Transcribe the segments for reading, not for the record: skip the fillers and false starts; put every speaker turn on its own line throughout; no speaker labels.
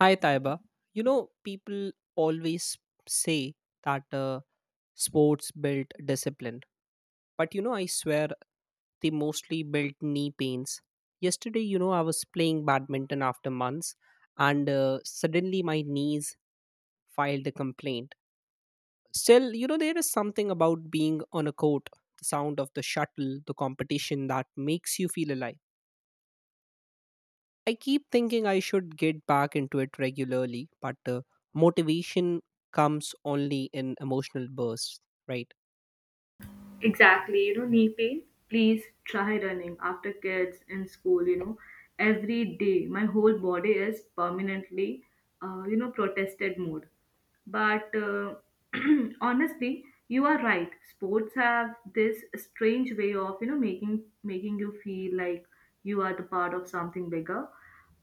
Hi, Taiba. People always say that sports built discipline. But, I swear they mostly built knee pains. Yesterday, I was playing badminton after months and suddenly my knees filed a complaint. Still, there is something about being on a court, the sound of the shuttle, the competition that makes you feel alive. I keep thinking I should get back into it regularly, but motivation comes only in emotional bursts, right?
Exactly, you know, knee pain. Please try running after kids in school, you know, every day. My whole body is permanently, you know, protested mode. But honestly, you are right. Sports have this strange way of, you know, making you feel like you are the part of something bigger.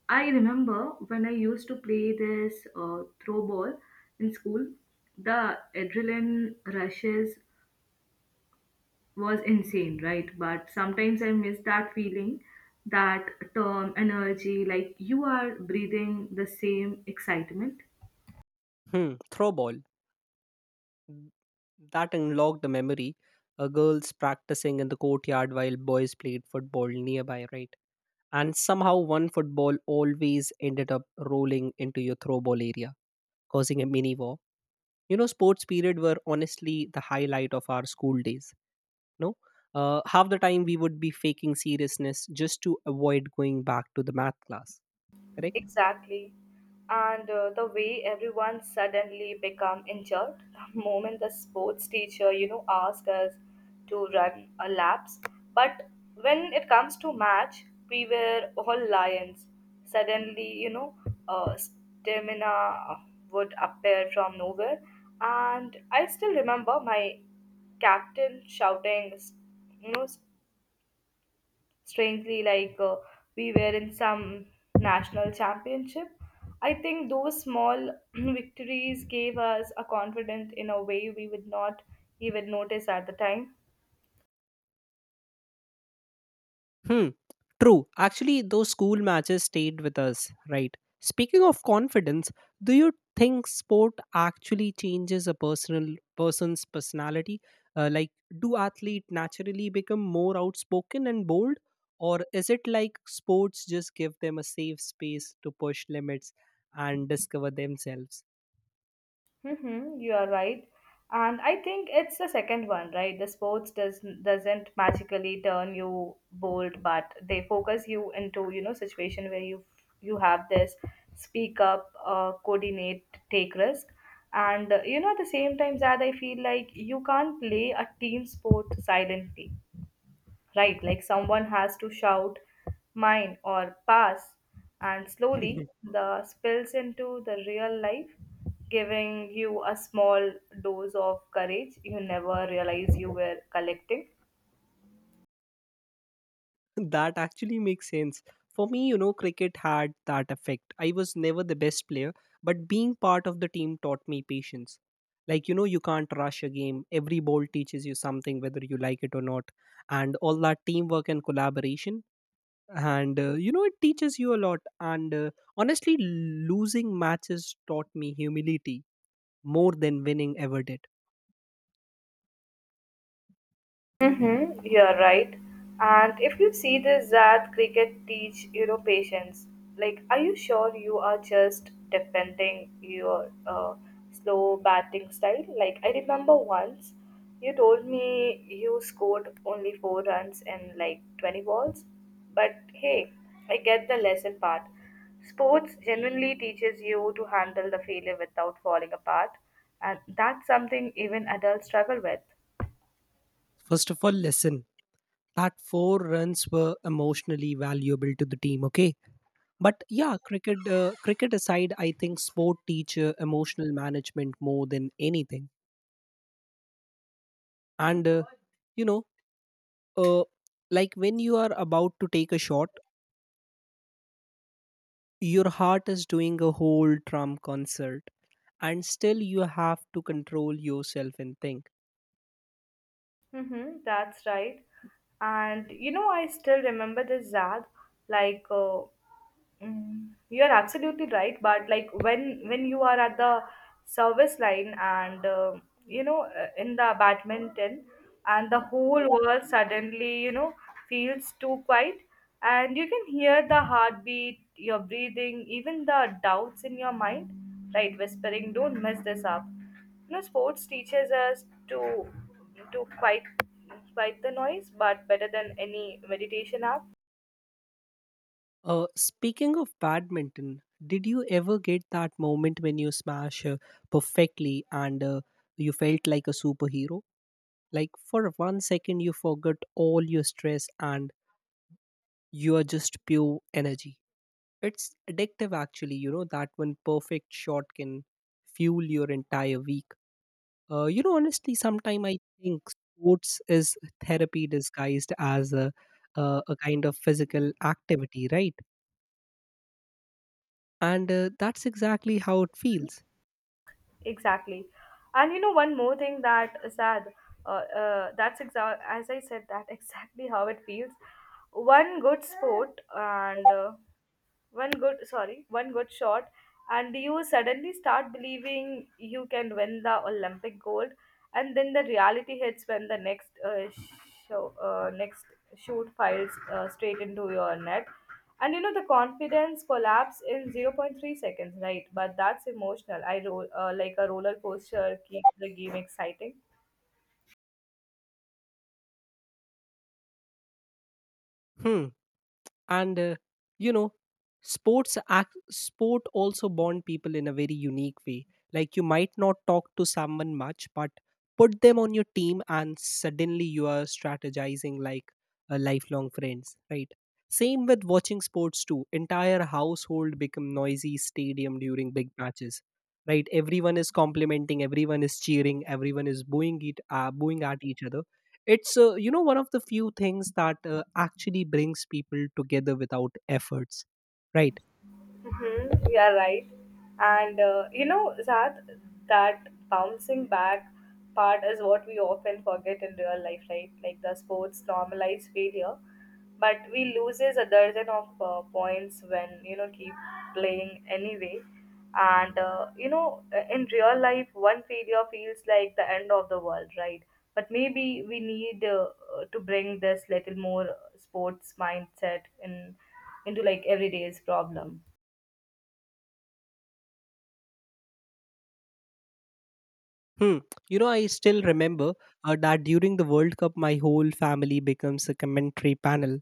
I remember when I used to play this throw ball in school, the adrenaline rushes was insane, right? But sometimes I miss that feeling, that term energy, like you are breathing the same excitement.
Hmm, Mm, That unlocked the memory. Girls practicing in the courtyard while boys played football nearby, right? And somehow one football always ended up rolling into your throwball area, causing a mini war. Sports period were honestly the highlight of our school days. No, half the time we would be faking seriousness just to avoid going back to the math class, correct?
Exactly. And the way everyone suddenly become injured the moment the sports teacher, you know, asked us to run a laps. But when it comes to match, we were all lions. Suddenly, you know, stamina would appear from nowhere. And I still remember my captain shouting, you know, strangely like we were in some national championship. I think those small victories gave us a confidence in a way we would not even notice at the time.
Hmm. True. Actually, those school matches stayed with us, right? Speaking of confidence, do you think sport actually changes a personal person's personality? Uh, like, do athletes naturally become more outspoken and bold, or is it like sports just give them a safe space to push limits and discover themselves?
Mm-hmm, you are right. And I think it's the second one, right? The sports doesn't magically turn you bold, but they focus you into, you know, situation where you have this speak up, coordinate, take risk. And you know, at the same time, Zad, I feel like you can't play a team sport silently, right? Like someone has to shout mine or pass, and slowly the spills into the real life, giving you a small dose of courage you never realize you were collecting.
That actually makes sense. For me, cricket had that effect. I was never the best player, but being part of the team taught me patience. Like, you can't rush a game. Every ball teaches you something, whether you like it or not. And all that teamwork and collaboration. And, it teaches you a lot. And honestly, losing matches taught me humility more than winning ever did.
Mm-hmm, you're right. And if you see this that cricket teach, you know, patience. Like, are you sure you are just defending your slow batting style? Like, I remember once you told me you scored only four runs in like 20 balls. But hey, I get the lesson part. Sports genuinely teaches you to handle the failure without falling apart, and that's something even adults struggle with.
First of all, listen. That four runs were emotionally valuable to the team, okay? But yeah, cricket aside, I think sport teach emotional management more than anything. And you know uh, like, when you are about to take a shot, your heart is doing a whole drum concert, and still you have to control yourself and think.
Mm-hmm, that's right. And you know, I still remember this, Zad. Like, uh, Mm, you're absolutely right, but like when you are at the service line and you know, in the badminton, and the whole world suddenly, you know, feels too quiet, and you can hear the heartbeat, your breathing, even the doubts in your mind, right? Whispering, don't mess this up. You know, sports teaches us to quiet the noise, but better than any meditation app.
Speaking of badminton, did you ever get that moment when you smash perfectly and you felt like a superhero? Like for 1 second, you forget all your stress and you are just pure energy. It's addictive, actually. That one perfect shot can fuel your entire week. Honestly, sometimes I think sports is therapy disguised as a kind of physical activity, right? And that's exactly how it feels.
Exactly. And you know, one more thing that, sad, uh, that's as I said, that exactly how it feels. One good sport and one good shot, and you suddenly start believing you can win the olympic gold. And then the reality hits when the next next shoot files straight into your net, and you know the confidence collapse in zero point 0.3 seconds, right? But that's emotional I roll, like a roller coaster keeps the game exciting.
Hmm. and you know sports act, sport also bond people in a very unique way. Like, you might not talk to someone much, but put them on your team and suddenly you are strategizing like a lifelong friends, right? Same with watching sports too. Entire household become noisy stadium during big matches, right? Everyone is complimenting, everyone is cheering, everyone is booing at each other. It's one of the few things that actually brings people together without efforts, right?
Mm-hmm, you are right. And you know, Zad, that bouncing back part is what we often forget in real life, right? Like the sports normalize failure, but we loses a dozen of points when, you know, keep playing anyway. And you know, in real life, one failure feels like the end of the world, right? But maybe we need to bring this little more sports mindset in into like everyday's problem.
Hmm. I still remember that during the World Cup my whole family becomes a commentary panel.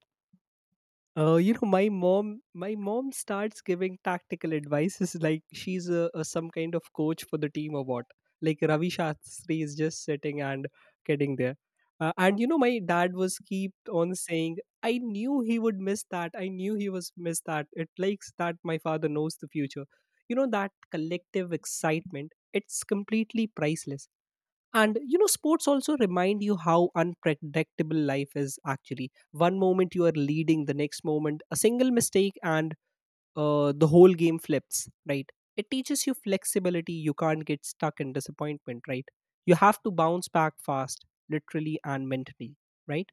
My mom starts giving tactical advice. Is like she's a some kind of coach for the team or what. Like Ravi Shastri is just sitting and getting there. And my dad was keep on saying, "I knew he would miss that. I knew he was miss that." It likes that my father knows the future. You know that collective excitement. It's completely priceless. And sports also remind you how unpredictable life is actually. One moment you are leading, the next moment, a single mistake, and the whole game flips, right? It teaches you flexibility. You can't get stuck in disappointment, right? You have to bounce back fast, literally and mentally, right?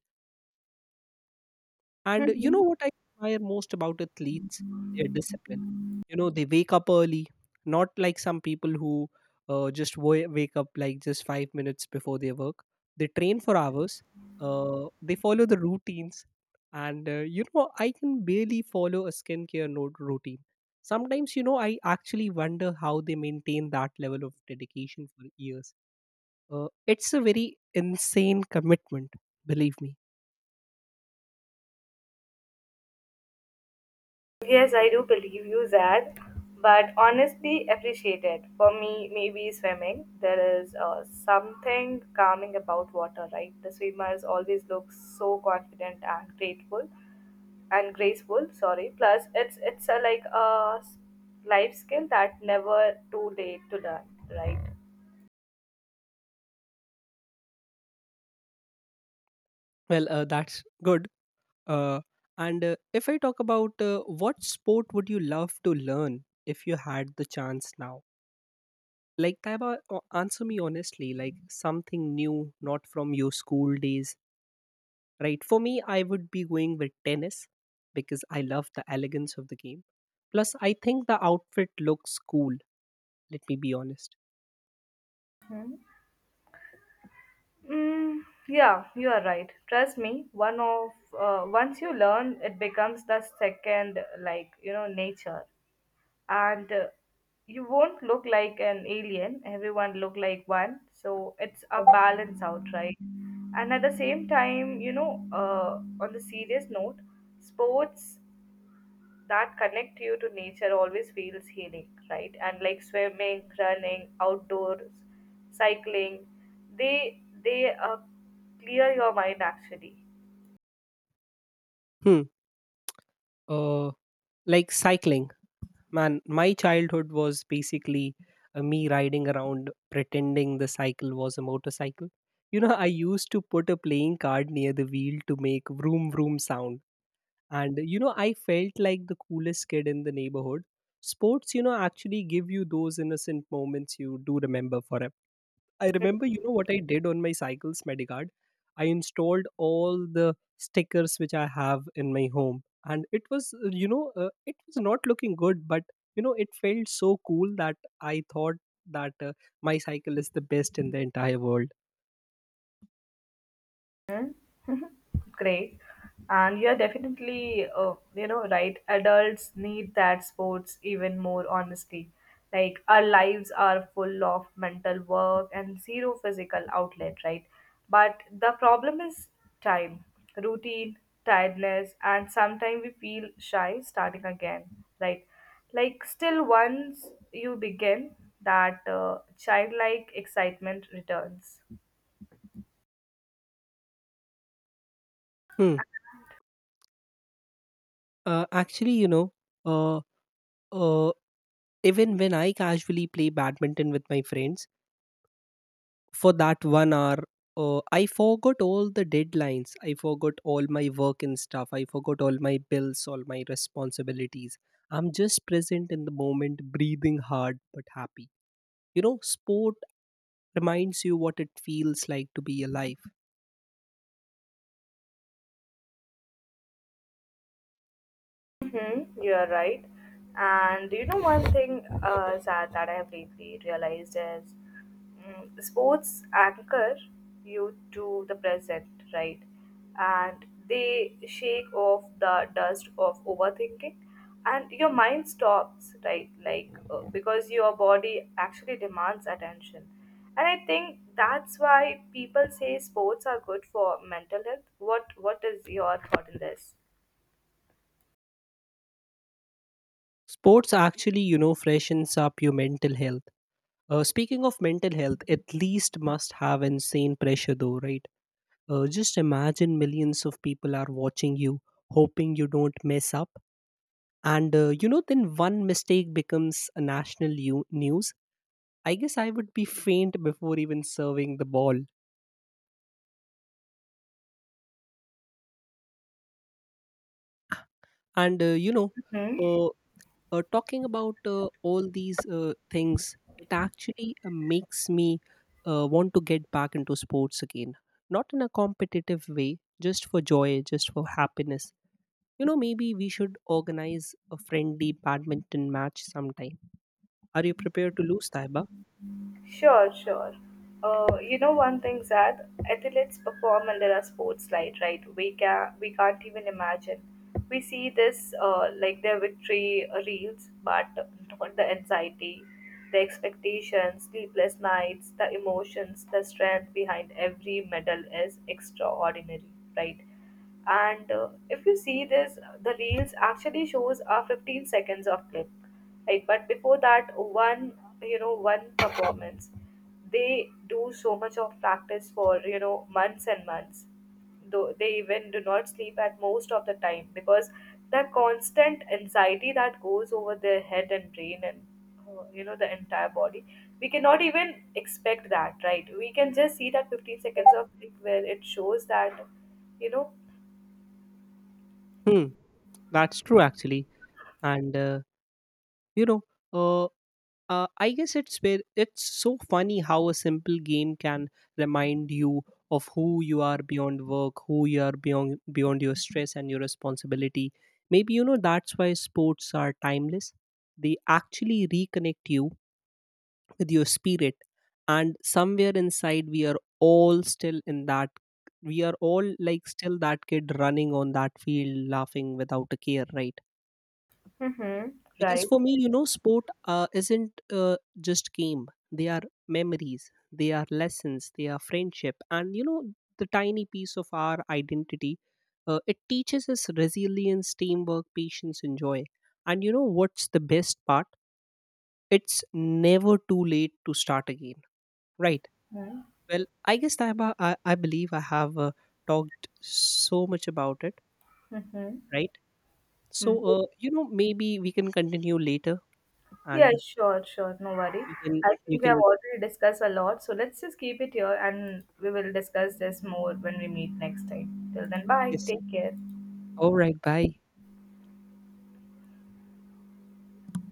And you know what I admire most about athletes? Their discipline. You know, they wake up early, not like some people who just wake up like just 5 minutes before their work. They train for hours, they follow the routines. And I can barely follow a skincare note routine. Sometimes, I actually wonder how they maintain that level of dedication for years. It's a very insane commitment, believe me.
Yes, I do believe you, Zad. But honestly, appreciate it. For me, maybe swimming. There is something calming about water, right? The swimmers always look so confident and grateful, and graceful. Sorry. Plus, it's a like a life skill that never too late to learn, right?
Well, that's good. Uh, and if I talk about what sport would you love to learn if you had the chance now? Like, Taiba, answer me honestly, like something new, not from your school days, right? For me, I would be going with tennis because I love the elegance of the game. Plus, I think the outfit looks cool, let me be honest.
Mm, yeah, you are right. Trust me, one of, once you learn, it becomes the second like, you know, nature. And you won't look like an alien, everyone look like one, so it's a balance out, right? And at the same time, you know, on the serious note, sports that connect you to nature always feels healing, right? And like swimming, running outdoors, cycling, they clear your mind actually.
Hmm. Uh, like cycling. Man, my childhood was basically me riding around pretending the cycle was a motorcycle. I used to put a playing card near the wheel to make vroom vroom sound. And, I felt like the coolest kid in the neighborhood. Sports, actually give you those innocent moments you do remember forever. I remember, you know what I did on my cycle's Medicard? I installed all the stickers which I have in my home, and it was not looking good, but it felt so cool that I thought that my cycle is the best in the entire world.
Hmm. Great. And you're definitely, you know, right. Adults need that sports even more, honestly. Like, our lives are full of mental work and zero physical outlet, right? But the problem is time, routine, tiredness, and sometimes we feel shy starting again, right? Like, still, once you begin, that childlike excitement returns.
Hmm. Actually, uh, uh, even when I casually play badminton with my friends, for that 1 hour I forgot all the deadlines, I forgot all my work and stuff, I forgot all my bills, all my responsibilities. I'm just present in the moment, breathing hard but happy. Sport reminds you what it feels like to be alive.
Mm-hmm, you're right. And you know, one thing, sad, that I have lately realized is, mm, sports anchor you to the present, right? And they shake off the dust of overthinking, and your mind stops, right? Like, because your body actually demands attention. And I think that's why people say sports are good for mental health. What is your thought in this?
Sports actually freshens up your mental health. Speaking of mental health, at least must have insane pressure though, right? Just imagine millions of people are watching you, hoping you don't mess up. And then one mistake becomes a national news. I guess I would be faint before even serving the ball. And uh, talking about all these things, it actually makes me want to get back into sports again. Not in a competitive way, just for joy, just for happiness. Maybe we should organize a friendly badminton match sometime. Are you prepared to lose, Taiba?
Sure, sure. You know, one thing, Zad, athletes perform under a spotlight, right? We can't even imagine. We see this like their victory reels, but not the anxiety, the expectations, sleepless nights, the emotions, the strength behind every medal is extraordinary, right? And if you see this, the reels actually shows a 15 seconds of clip, right? But before that one, you know, one performance, they do so much of practice for, you know, months and months, though they even do not sleep at most of the time, because the constant anxiety that goes over their head and brain and, you know, the entire body, we cannot even expect that, right? We can just see that 15 seconds of clip where it shows that, you know.
Hmm, that's true actually. And you know uh, I guess it's where it's so funny how a simple game can remind you of who you are beyond work, who you are beyond your stress and your responsibility. Maybe that's why sports are timeless. They actually reconnect you with your spirit, and somewhere inside we are all still in that, we are all like still that kid running on that field, laughing without a care, right?
Mm-hmm.
Because
Right.
for me, sport isn't just game. They are memories, they are lessons, they are friendship, and the tiny piece of our identity. It teaches us resilience, teamwork, patience and joy. And what's the best part? It's never too late to start again, right?
Right?
Well, I guess I believe I have talked so much about it,
Mm-hmm.
right? So
Hmm.
maybe we can continue later,
Yeah,
and
sure, sure. No worry.
you can
I
you
think we have
can
already discussed a lot, so let's just keep it here and we will discuss this more when we meet next time. Till then, bye.
yes, yes.
Take care.
All right. Bye.